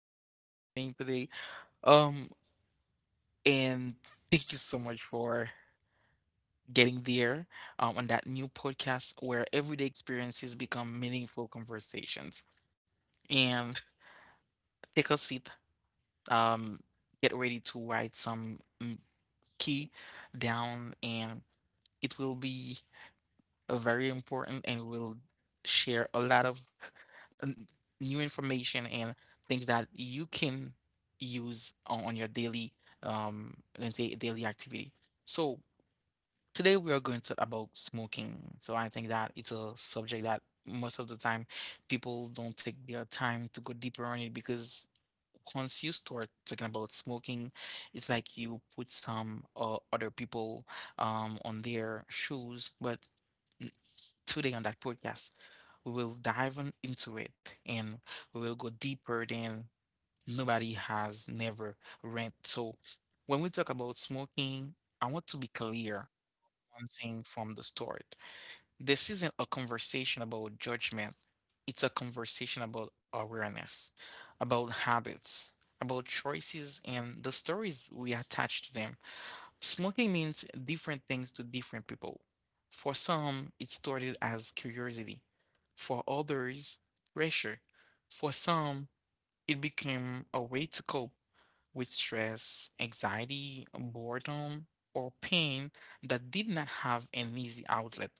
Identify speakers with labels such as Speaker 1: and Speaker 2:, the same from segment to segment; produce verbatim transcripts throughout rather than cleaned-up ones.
Speaker 1: so much for joining today. Um, and thank you so much for getting there um, on that new podcast where everyday experiences become meaningful conversations. And take a seat. Um, get ready to write some mm, key down, and it will be uh, very important, and we'll share a lot of n- new information and things that you can use on, on your daily, um, let's say daily activity. So today we are going to talk about smoking. So I think that it's a subject that most of the time people don't take their time to go deeper on it because once you start talking about smoking, it's like you put some uh, other people um on their shoes, but today on that podcast, we will dive on into it and we will go deeper than nobody has never read. So, when we talk about smoking, I want to be clear one thing from the start. This isn't a conversation about judgment. It's a conversation about awareness, about habits, about choices and the stories we attach to them. Smoking means different things to different people. For some, it started as curiosity. For others, pressure. For some, it became a way to cope with stress, anxiety, boredom, or pain that did not have an easy outlet.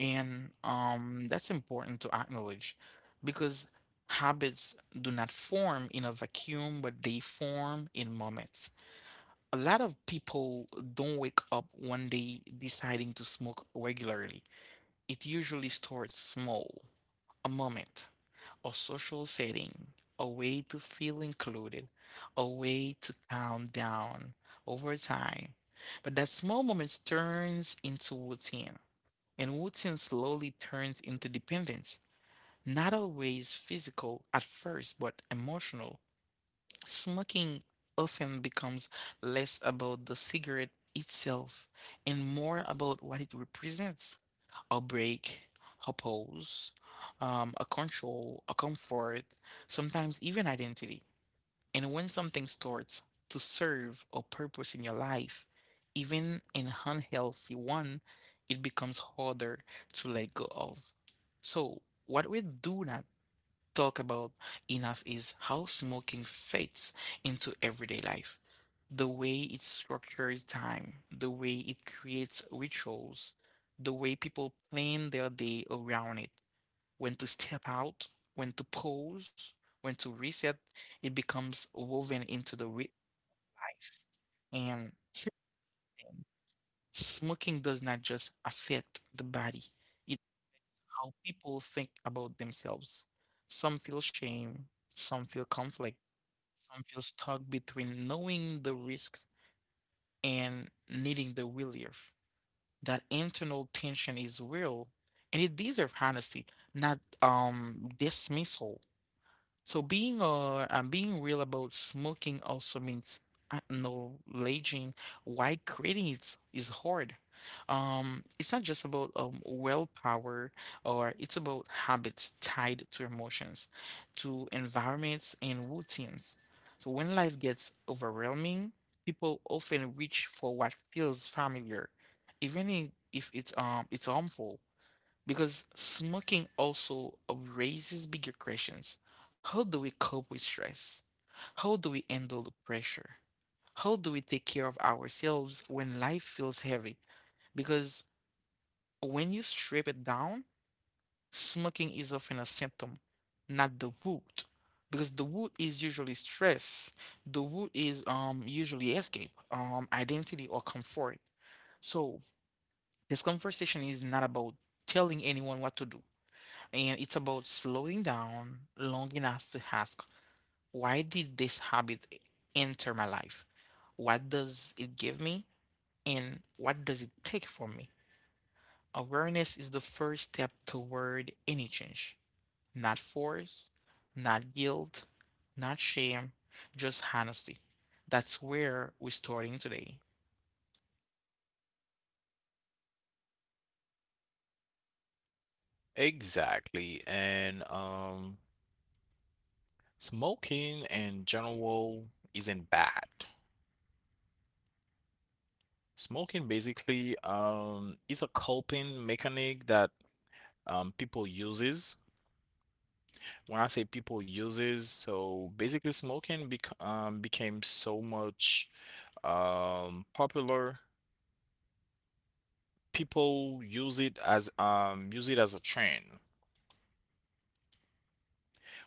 Speaker 1: And um, that's important to acknowledge because habits do not form in a vacuum, but they form in moments. A lot of people don't wake up one day deciding to smoke regularly. It usually starts small: a moment, a social setting, a way to feel included, a way to calm down over time. But that small moment turns into routine, and routine slowly turns into dependence. Not always physical at first, but emotional. Smoking often becomes less about the cigarette itself and more about what it represents: a break, a pause, um, a control, a comfort, sometimes even identity. And when something starts to serve a purpose in your life, even an unhealthy one, it becomes harder to let go of. So, what we do not talk about enough is how smoking fits into everyday life. The way it structures time, the way it creates rituals, the way people plan their day around it. When to step out, when to pause, when to reset, it becomes woven into the real life. And healing, smoking does not just affect the body, it's how people think about themselves. Some feel shame, some feel conflict. Some feel stuck between knowing the risks and needing the relief. That internal tension is real and it deserves honesty, not um dismissal. So being uh I'm being real about smoking also means acknowledging why quitting is is hard. Um, it's not just about um willpower or it's about habits tied to emotions, to environments and routines. So when life gets overwhelming, people often reach for what feels familiar, even i- if it's um it's harmful. Because smoking also raises bigger questions. How do we cope with stress? How do we handle the pressure? How do we take care of ourselves when life feels heavy? Because when you strip it down, smoking is often a symptom, not the root. Because the root is usually stress. The root is um usually escape, um identity or comfort. So this conversation is not about telling anyone what to do, and it's about slowing down long enough to ask, why did this habit enter my life? What does it give me? And what does it take from me? Awareness is the first step toward any change. Not force, not guilt, not shame, just honesty. That's where we're starting today.
Speaker 2: Exactly. And um, Smoking in general isn't bad. Smoking basically um, is a coping mechanic that um, people uses. When I say people uses, so basically smoking bec um, became so much um, popular. People use it as um, use it as a trend.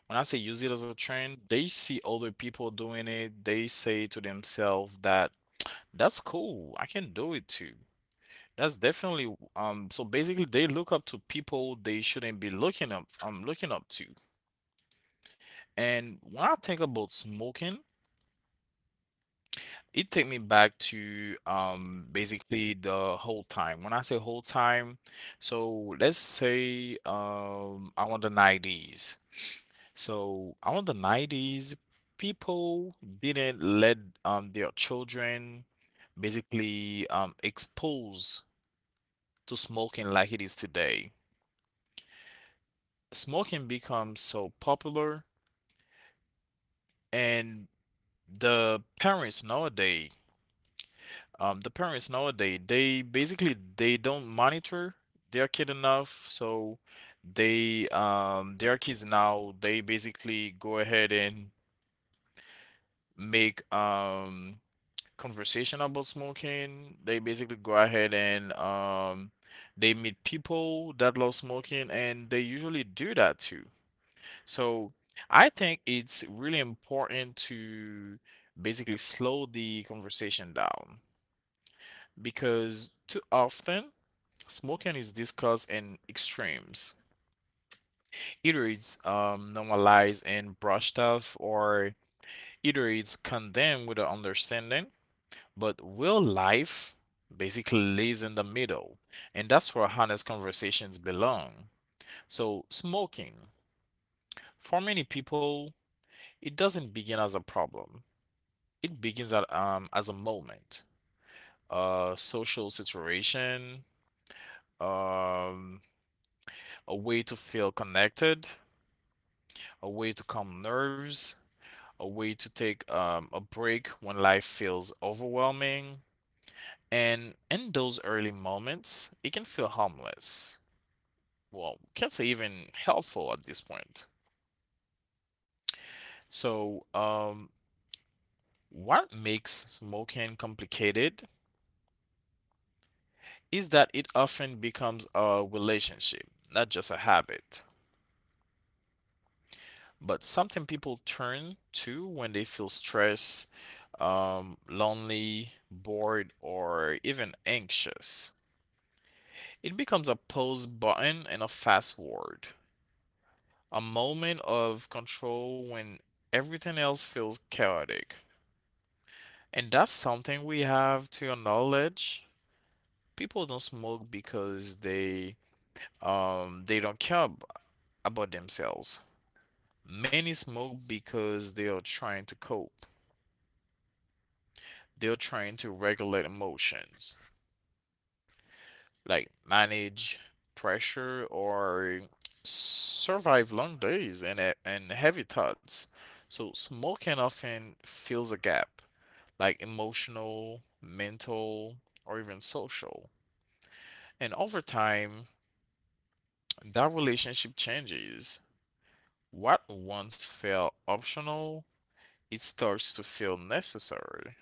Speaker 2: When I say use it as a trend, they see other people doing it. They say to themselves that That's cool. I can do it too. That's definitely um so basically they look up to people they shouldn't be looking up um looking up to. And when I think about smoking, it take me back to um basically the whole time. When I say whole time, so let's say um I want the nineties. So I want the nineties people didn't let um their children basically um expose to smoking like it is today. Smoking becomes so popular, and the parents nowadays, um, the parents nowadays, they basically they don't monitor their kid enough, so they um their kids now they basically go ahead and make um conversation about smoking. They basically go ahead and um they meet people that love smoking and they usually do that too. So I think it's really important to basically slow the conversation down because too often smoking is discussed in extremes. Either it's um, normalized and brushed off, or either it's condemned with an understanding. But real life basically lives in the middle, and that's where honest conversations belong. So, smoking, for many people, it doesn't begin as a problem. It begins at um as a moment, a social situation, um, a way to feel connected, a way to calm nerves, a way to take um, a break when life feels overwhelming. And in those early moments, it can feel harmless. Well, can't say even helpful at this point. So, um, what makes smoking complicated is that it often becomes a relationship, not just a habit, but something people turn to when they feel stressed, um, lonely, bored, or even anxious. It becomes a pause button and a fast word, a moment of control when everything else feels chaotic. And that's something we have to acknowledge. People don't smoke because they um, they don't care ab- about themselves. Many smoke because they are trying to cope. They're trained to regulate emotions, like manage pressure or survive long days and he- and heavy thoughts. So smoking often fills a gap, like emotional, mental, or even social. And over time, that relationship changes. What once felt optional, it starts to feel necessary.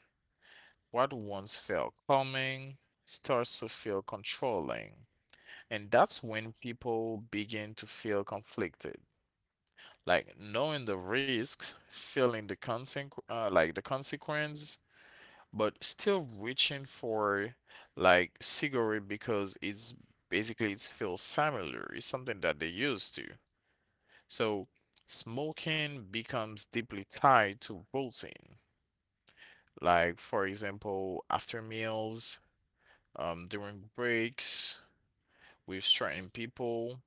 Speaker 2: What once felt calming starts to feel controlling. And that's when people begin to feel conflicted. Like knowing the risks, feeling the consequ uh, like the consequence, but still reaching for like cigarette because it's basically it's feel familiar. It's something that they used to. So smoking becomes deeply tied to routine. Like for example, after meals, um, during breaks with certain people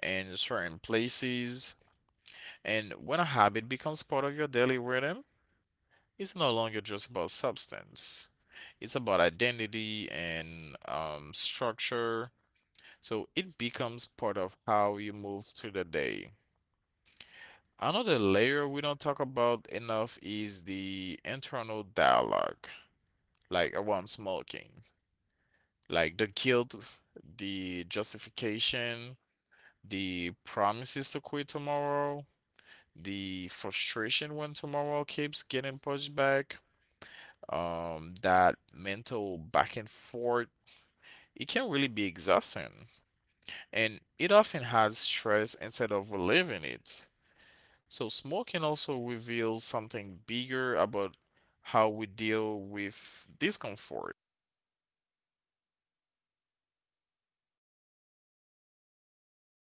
Speaker 2: and certain places. And when a habit becomes part of your daily rhythm, it's no longer just about substance. It's about identity and um, structure. So it becomes part of how you move through the day. Another layer we don't talk about enough is the internal dialogue, like around smoking, like the guilt, the justification, the promises to quit tomorrow, the frustration when tomorrow keeps getting pushed back, um, that mental back and forth, it can really be exhausting. And it often has stress instead of relieving it. So, smoking also reveals something bigger about how we deal with discomfort.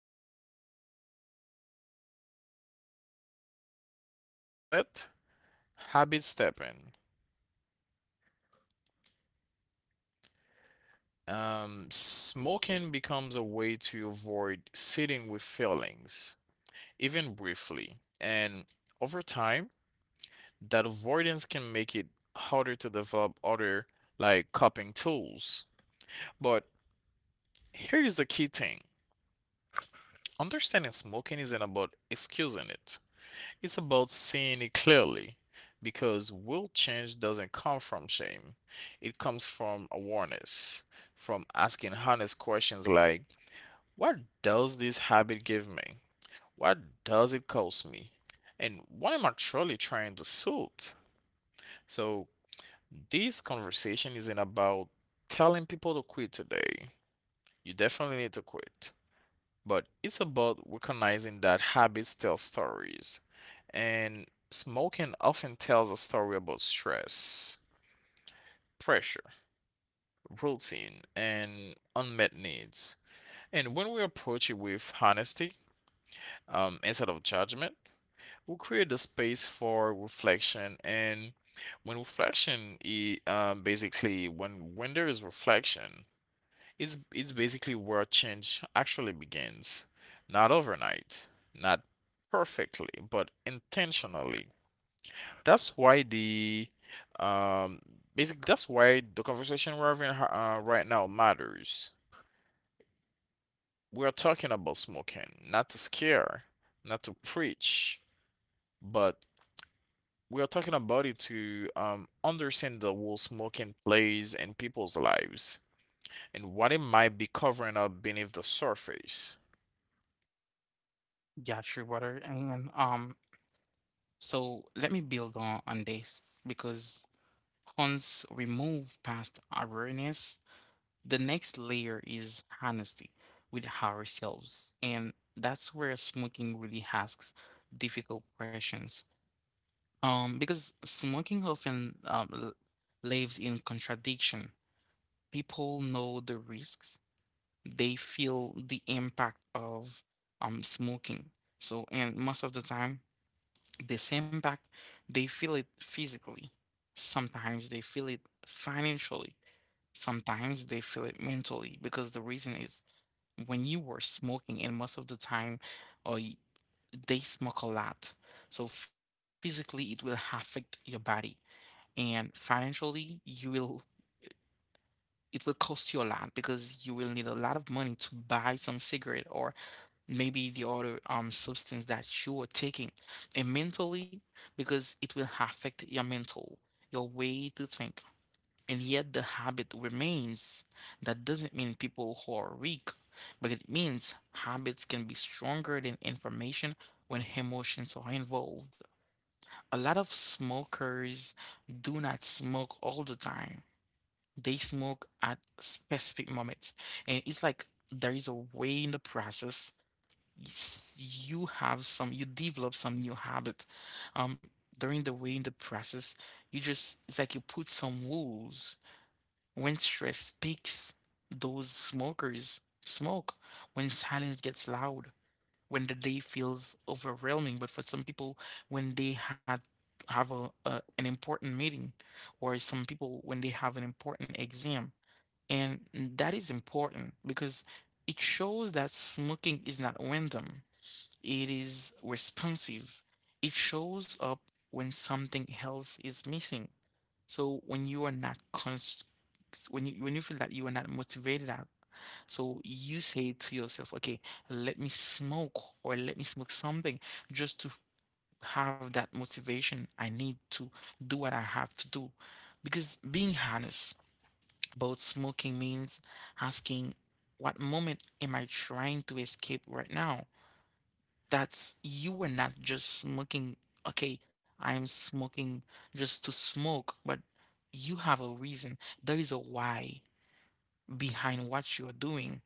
Speaker 2: So, when emotions build up and there is no um, healthy outlet, habit stepping. Um, smoking becomes a way to avoid sitting with feelings, even briefly. And over time, that avoidance can make it harder to develop other like coping tools. But here is the key thing, understanding smoking isn't about excusing it, it's about seeing it clearly. Because will change doesn't come from shame, it comes from awareness, from asking honest questions like, what does this habit give me? What does it cost me? And what am I truly trying to soothe? So this conversation isn't about telling people to quit today. You definitely need to quit. But it's about recognizing that habits tell stories. And smoking often tells a story about stress, pressure, routine, and unmet needs. And when we approach it with honesty, um, instead of judgment, we create the space for reflection. And when reflection, I- um, basically, when when there is reflection, it's it's basically where change actually begins. Not overnight, not perfectly, but intentionally. That's why the um, basic. That's why the conversation we're having uh, right now matters. We're talking about smoking, not to scare, not to preach, but we are talking about it to um, understand the role smoking plays in people's lives and what it might be covering up beneath the surface.
Speaker 1: Got you, brother. And um, so let me build on, on this because once we move past awareness. The next layer is honesty with ourselves, and that's where smoking really asks difficult questions. Um, because smoking often um, l- lives in contradiction. People know the risks, they feel the impact of um smoking. So, and most of the time, this impact, they feel it physically. Sometimes they feel it financially. Sometimes they feel it mentally because the reason is when you were smoking, and most of the time, or y- they smoke a lot. So physically, it will affect your body, and financially, you will it will cost you a lot because you will need a lot of money to buy some cigarette or maybe the other um substance that you are taking, and mentally, because it will affect your mental, your way to think and yet the habit remains. That doesn't mean people who are weak, but it means habits can be stronger than information when emotions are involved. A lot of smokers do not smoke all the time. They smoke at specific moments. And it's like there is a way in the process, s- you have some you develop some new habit. Um During the way in the process, you just it's like you put some rules when stress speaks, those smokers smoke. When silence gets loud, when the day feels overwhelming. But for some people, when they had have a, a an important meeting, or some people when they have an important exam, and that is important because it shows that smoking is not random. It is responsive. It shows up when something else is missing. So when you are not const when you when you feel that you are not motivated out, so you say to yourself, okay, let me smoke or let me smoke something just to have that motivation. I need to do what I have to do. Because being honest about smoking means asking, what moment am I trying to escape right now? That's you were not just smoking. Okay, I'm smoking just to smoke, but you have a reason. There is a why behind what you're doing.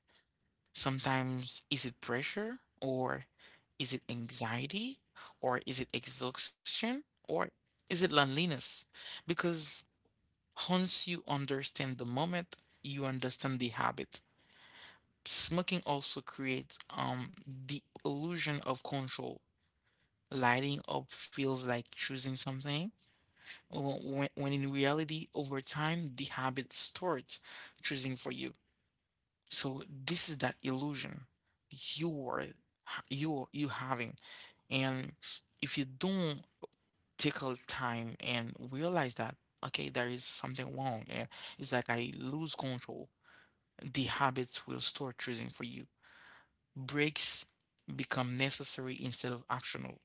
Speaker 1: Sometimes is it pressure or is it anxiety or is it exhaustion or is it loneliness? Because once you understand the moment, you understand the habit. Smoking also creates um the illusion of control. Lighting up feels like choosing something, wh- when, when in reality, over time, the habit starts choosing for you. So this is that illusion you were ha- you you having, and if you don't take a time and realize that okay, there is something wrong, and it's like I lose control, the habits will start choosing for you. Breaks become necessary instead of optional.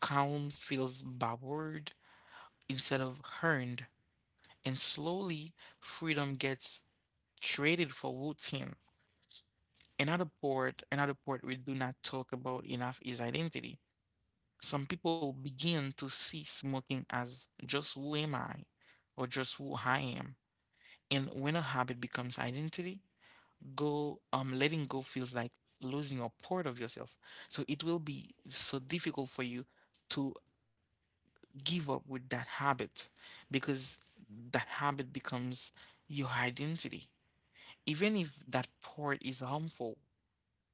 Speaker 1: Calm feels backward instead of earned, and slowly freedom gets traded for routine. Another part, another part we do not talk about enough is identity. Some people begin to see smoking as just who am I or just who I am. And when a habit becomes identity, go um letting go feels like losing a part of yourself. So it will be so difficult for you to give up with that habit because that habit becomes your identity. Even if that part is harmful,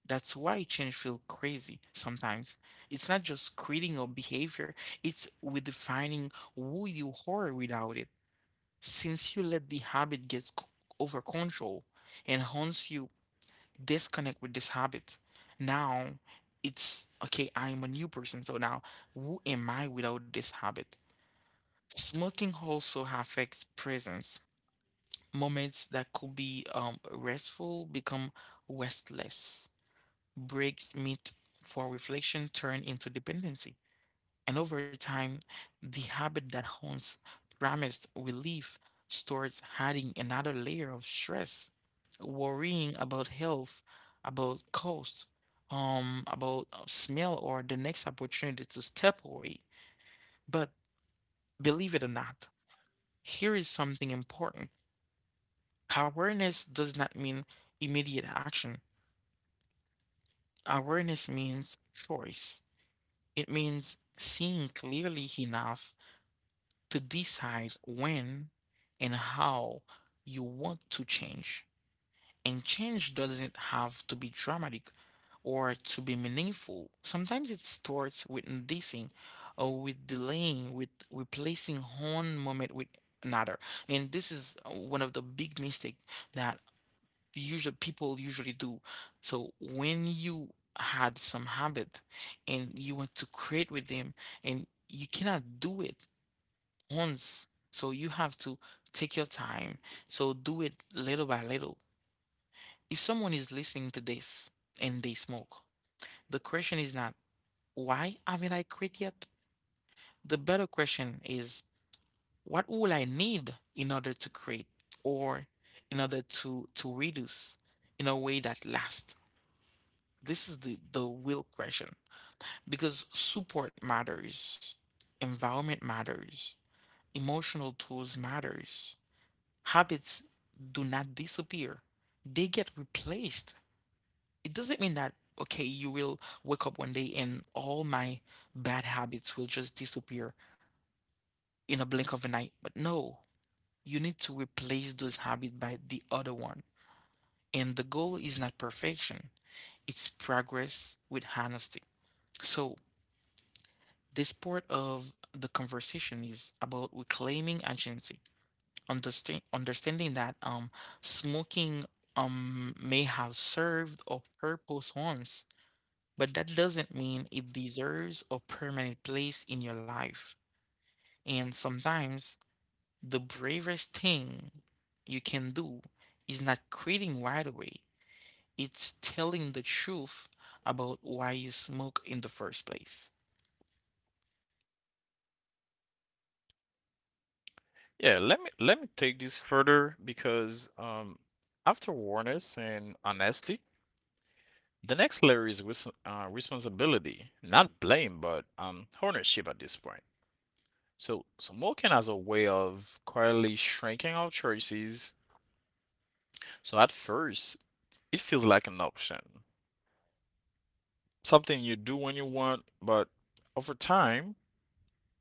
Speaker 1: that's why change feels crazy sometimes. It's not just creating a behavior, it's redefining who you are without it. Since you let the habit get c- over control and hence you disconnect with this habit, now it's okay, I'm a new person. So now, who am I without this habit? Smoking also affects presence. Moments that could be um, restful become restless. Breaks meet for reflection turn into dependency. And over time, the habit that haunts promised relief starts adding another layer of stress, worrying about health, about cost, um, about uh, smell or the next opportunity to step away. But believe it or not, here is something important. Awareness does not mean immediate action. Awareness means choice. It means seeing clearly enough to decide when and how you want to change. And change doesn't have to be dramatic or to be meaningful. Sometimes it starts with noticing or with delaying, with replacing one moment with another. And this is uh, one of the big mistakes that usually people usually do. So when you had some habit and you want to create with them and you cannot do it once. So you have to take your time. So do it little by little. If someone is listening to this and they smoke, the question is not why haven't I quit yet? The better question is what will I need in order to create or in order to to reduce in a way that lasts. This is the the real question because support matters, environment matters, emotional tools matters. Habits do not disappear. They get replaced. It doesn't mean that okay, you will wake up one day and all my bad habits will just disappear in a blink of an eye. But no, you need to replace those habits by the other one. And the goal is not perfection, it's progress with honesty. So this part of the conversation is about reclaiming agency, understand, understanding that um, smoking um, may have served a purpose once, but that doesn't mean it deserves a permanent place in your life. And sometimes the bravest thing you can do is not quitting right away, it's telling the truth about why you smoke in the first place.
Speaker 2: Yeah, let me let me take this further because um, after awareness and honesty, the next layer is res uh, responsibility, not blame, but um, ownership at this point. So smoking as a way of quietly shrinking our choices. So at first, it feels like an option, something you do when you want, but over time,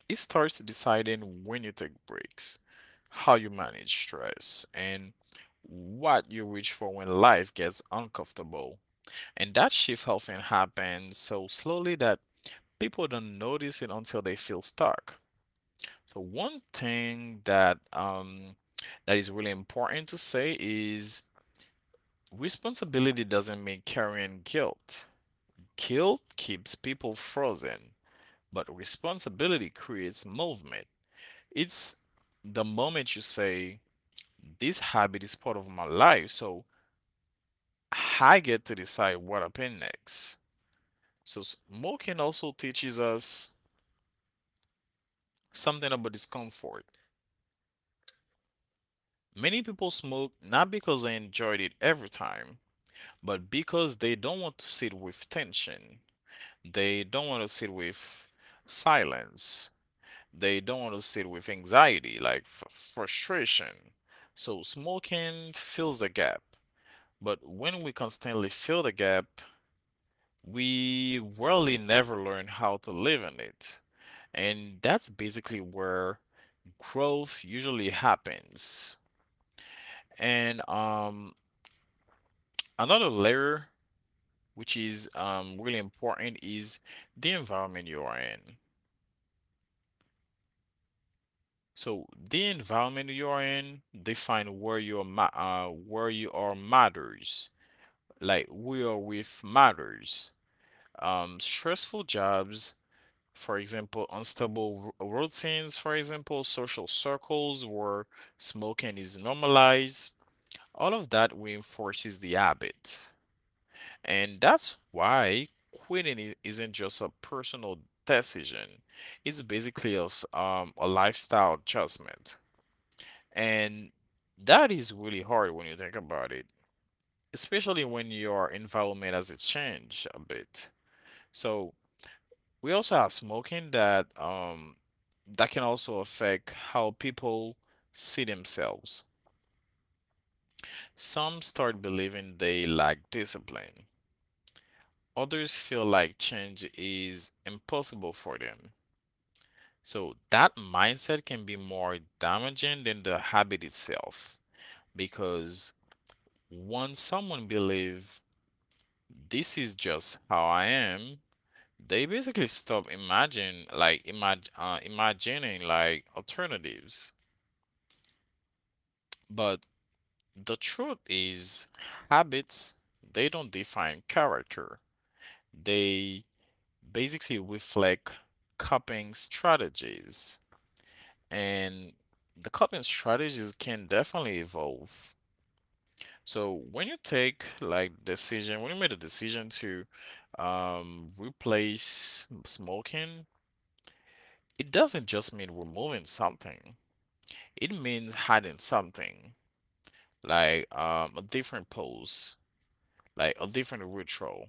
Speaker 2: it starts deciding when you take breaks, how you manage stress, and what you reach for when life gets uncomfortable. And that shift often happens so slowly that people don't notice it until they feel stuck. So one thing that um that is really important to say is responsibility doesn't mean carrying guilt. Guilt keeps people frozen. But responsibility creates movement. It's the moment you say, this habit is part of my life, so I get to decide what happens next. So, smoking also teaches us something about discomfort. Many people smoke not because they enjoyed it every time, but because they don't want to sit with tension. They don't want to sit with silence. They don't want to sit with anxiety, like f- frustration. So smoking fills the gap. But when we constantly fill the gap, we really never learn how to live in it. And that's basically where growth usually happens. And um, Another layer, which is um, really important, is the environment you are in. So the environment you are in define where you are ma- uh, where you are matters. Like we are with matters. Um, stressful jobs, for example, unstable ru- routines, for example, social circles where smoking is normalized. All of that reinforces the habit, and that's why quitting i- isn't just a personal decision. It's basically a, s- um, a lifestyle adjustment. And that is really hard when you think about it, especially when your environment has changed a bit. So we also have smoking that um that can also affect how people see themselves. Some start believing they lack discipline. Others feel like change is impossible for them. So that mindset can be more damaging than the habit itself because once someone believes this is just how I am, they basically stop imagine like imag uh, imagining like alternatives. But the truth is, habits, they don't define character. They basically reflect coping strategies, and the coping strategies can definitely evolve. So when you take like decision, when you made a decision to um replace smoking, it doesn't just mean removing something. It means hiding something, like um, a different pose, like a different ritual,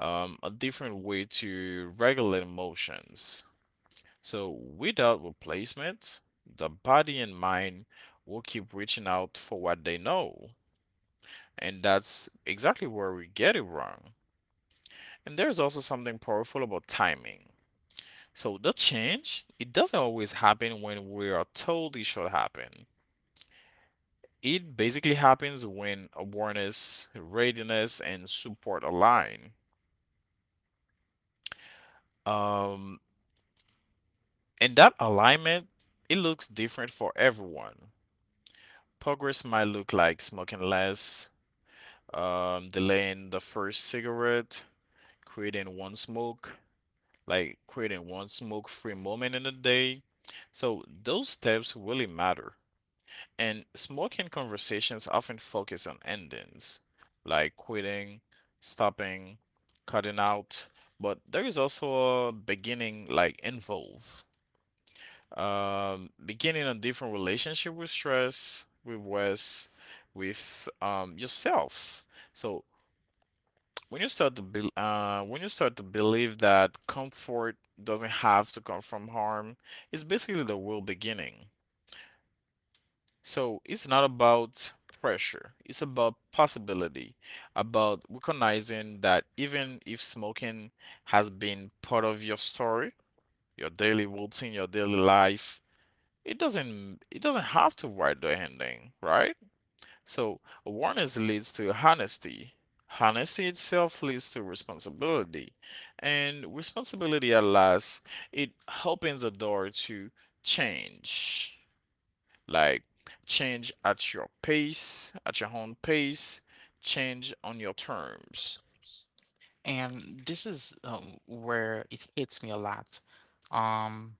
Speaker 2: um, a different way to regulate emotions. So without replacement, the body and mind will keep reaching out for what they know. And that's exactly where we get it wrong. And there's also something powerful about timing. So the change, it doesn't always happen when we are told it should happen. It basically happens when awareness, readiness, and support align. Um, and that alignment, it looks different for everyone. Progress might look like smoking less, um, delaying the first cigarette, creating one smoke, like creating one smoke free moment in a day. So those steps really matter. And smoking conversations often focus on endings, like quitting, stopping, cutting out, but there is also a beginning, like involve. Um, beginning a different relationship with stress, with rest, with um, yourself. So when you start to be, uh, when you start to believe that comfort doesn't have to come from harm, it's basically the real beginning. So it's not about pressure, it's about possibility, about recognizing that even if smoking has been part of your story, your daily routine, your daily life, it doesn't it doesn't have to write the ending, right? So awareness leads to honesty. Honesty itself leads to responsibility. And responsibility at last, it opens the door to change, like change at your pace, at your own pace, change on your terms.
Speaker 1: And this is um, where it hits me a lot. Um,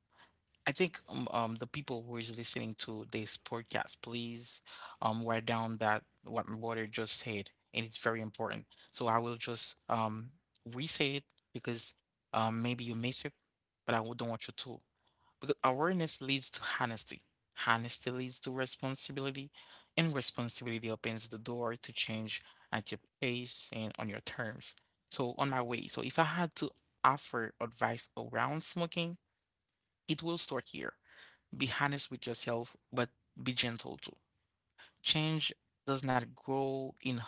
Speaker 1: I think, um, um, the people who is listening to this podcast, please um, write down that what my brother just said, and it's very important. So I will just um, re-say it because um, maybe you miss it, but I would- don't want you to. Because awareness leads to honesty. Honesty leads to responsibility, and responsibility opens the door to change at your pace and on your terms. So, on my way, so if I had to offer advice around smoking, it will start here. Be honest with yourself, but be gentle too. Change does not grow in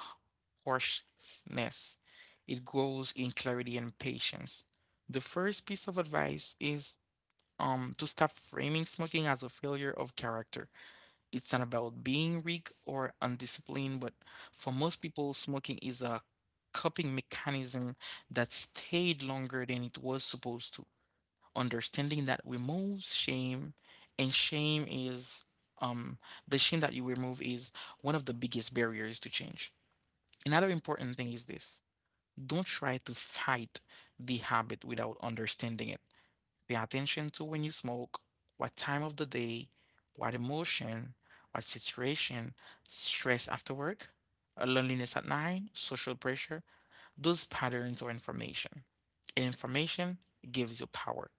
Speaker 1: harshness, it grows in clarity and patience. The first piece of advice is um, to stop framing smoking as a failure of character. It's not about being weak or undisciplined, but for most people, smoking is a coping mechanism that stayed longer than it was supposed to. Understanding that removes shame, and shame is um, the shame that you remove is one of the biggest barriers to change. Another important thing is this: don't try to fight the habit without understanding it. Pay attention to when you smoke, what time of the day, what emotion, what situation, stress after work, uh, loneliness at night, social pressure. Those patterns are information. And information gives you power.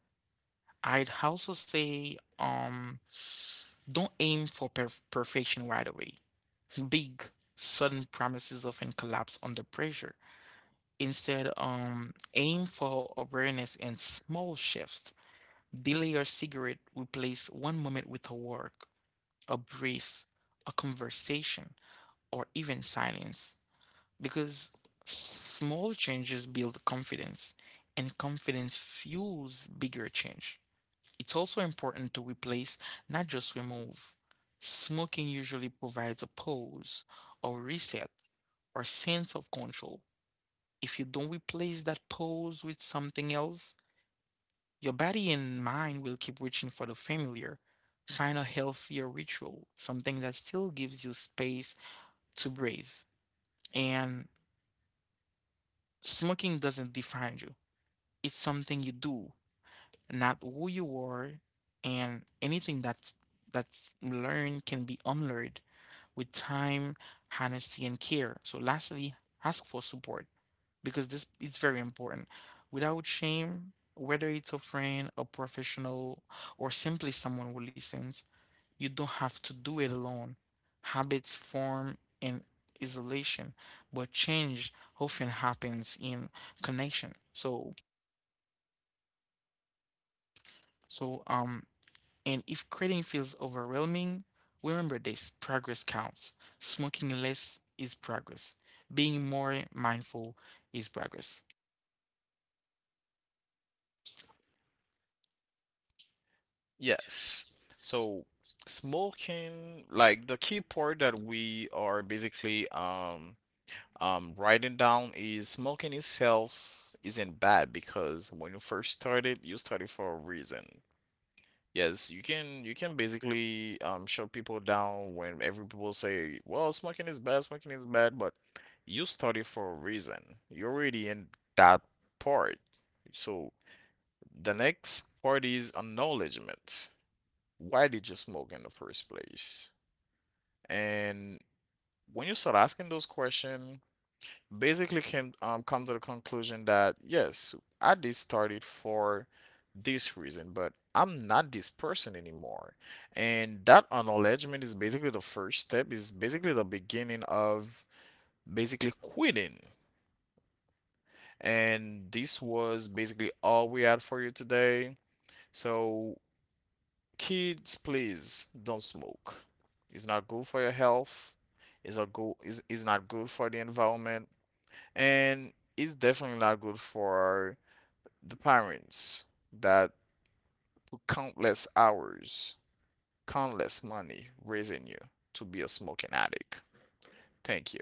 Speaker 1: I'd also say, um, don't aim for perf perfection right away. Big, sudden promises often collapse under pressure. Instead, um, aim for awareness and small shifts. Delay your cigarette, replace one moment with a walk, a breeze, a conversation, or even silence. Because small changes build confidence, and confidence fuels bigger change. It's also important to replace, not just remove. Smoking usually provides a pause, a reset, or sense of control. If you don't replace that pause with something else, your body and mind will keep reaching for the familiar. Find a healthier ritual, something that still gives you space to breathe. And smoking doesn't define you, it's something you do, not who you are. And anything that's that's learned can be unlearned with time, honesty, and care. So, lastly, ask for support because this is very important. Without shame, whether it's a friend, a professional, or simply someone who listens, you don't have to do it alone. Habits form in isolation, but change often happens in connection. So, so um, and if quitting feels overwhelming, remember this: progress counts. Smoking less is progress. Being more mindful is progress.
Speaker 2: Yes. So smoking, like the key part that we are basically um um writing down is smoking itself isn't bad because when you first started, you started for a reason. Yes, you can you can basically um shut people down when every people say, well, smoking is bad, smoking is bad, but you started for a reason. You're already in that part. So the next part is acknowledgement. Why did you smoke in the first place? And when you start asking those questions, basically came um come to the conclusion that yes, I did start it for this reason, but I'm not this person anymore. And that acknowledgement is basically the first step, is basically the beginning of basically quitting. And this was basically all we had for you today. So kids, please don't smoke. It's not good for your health. It's not good, it's, it's not good for the environment, and it's definitely not good for the parents that put countless hours, countless money raising you to be a smoking addict. Thank you.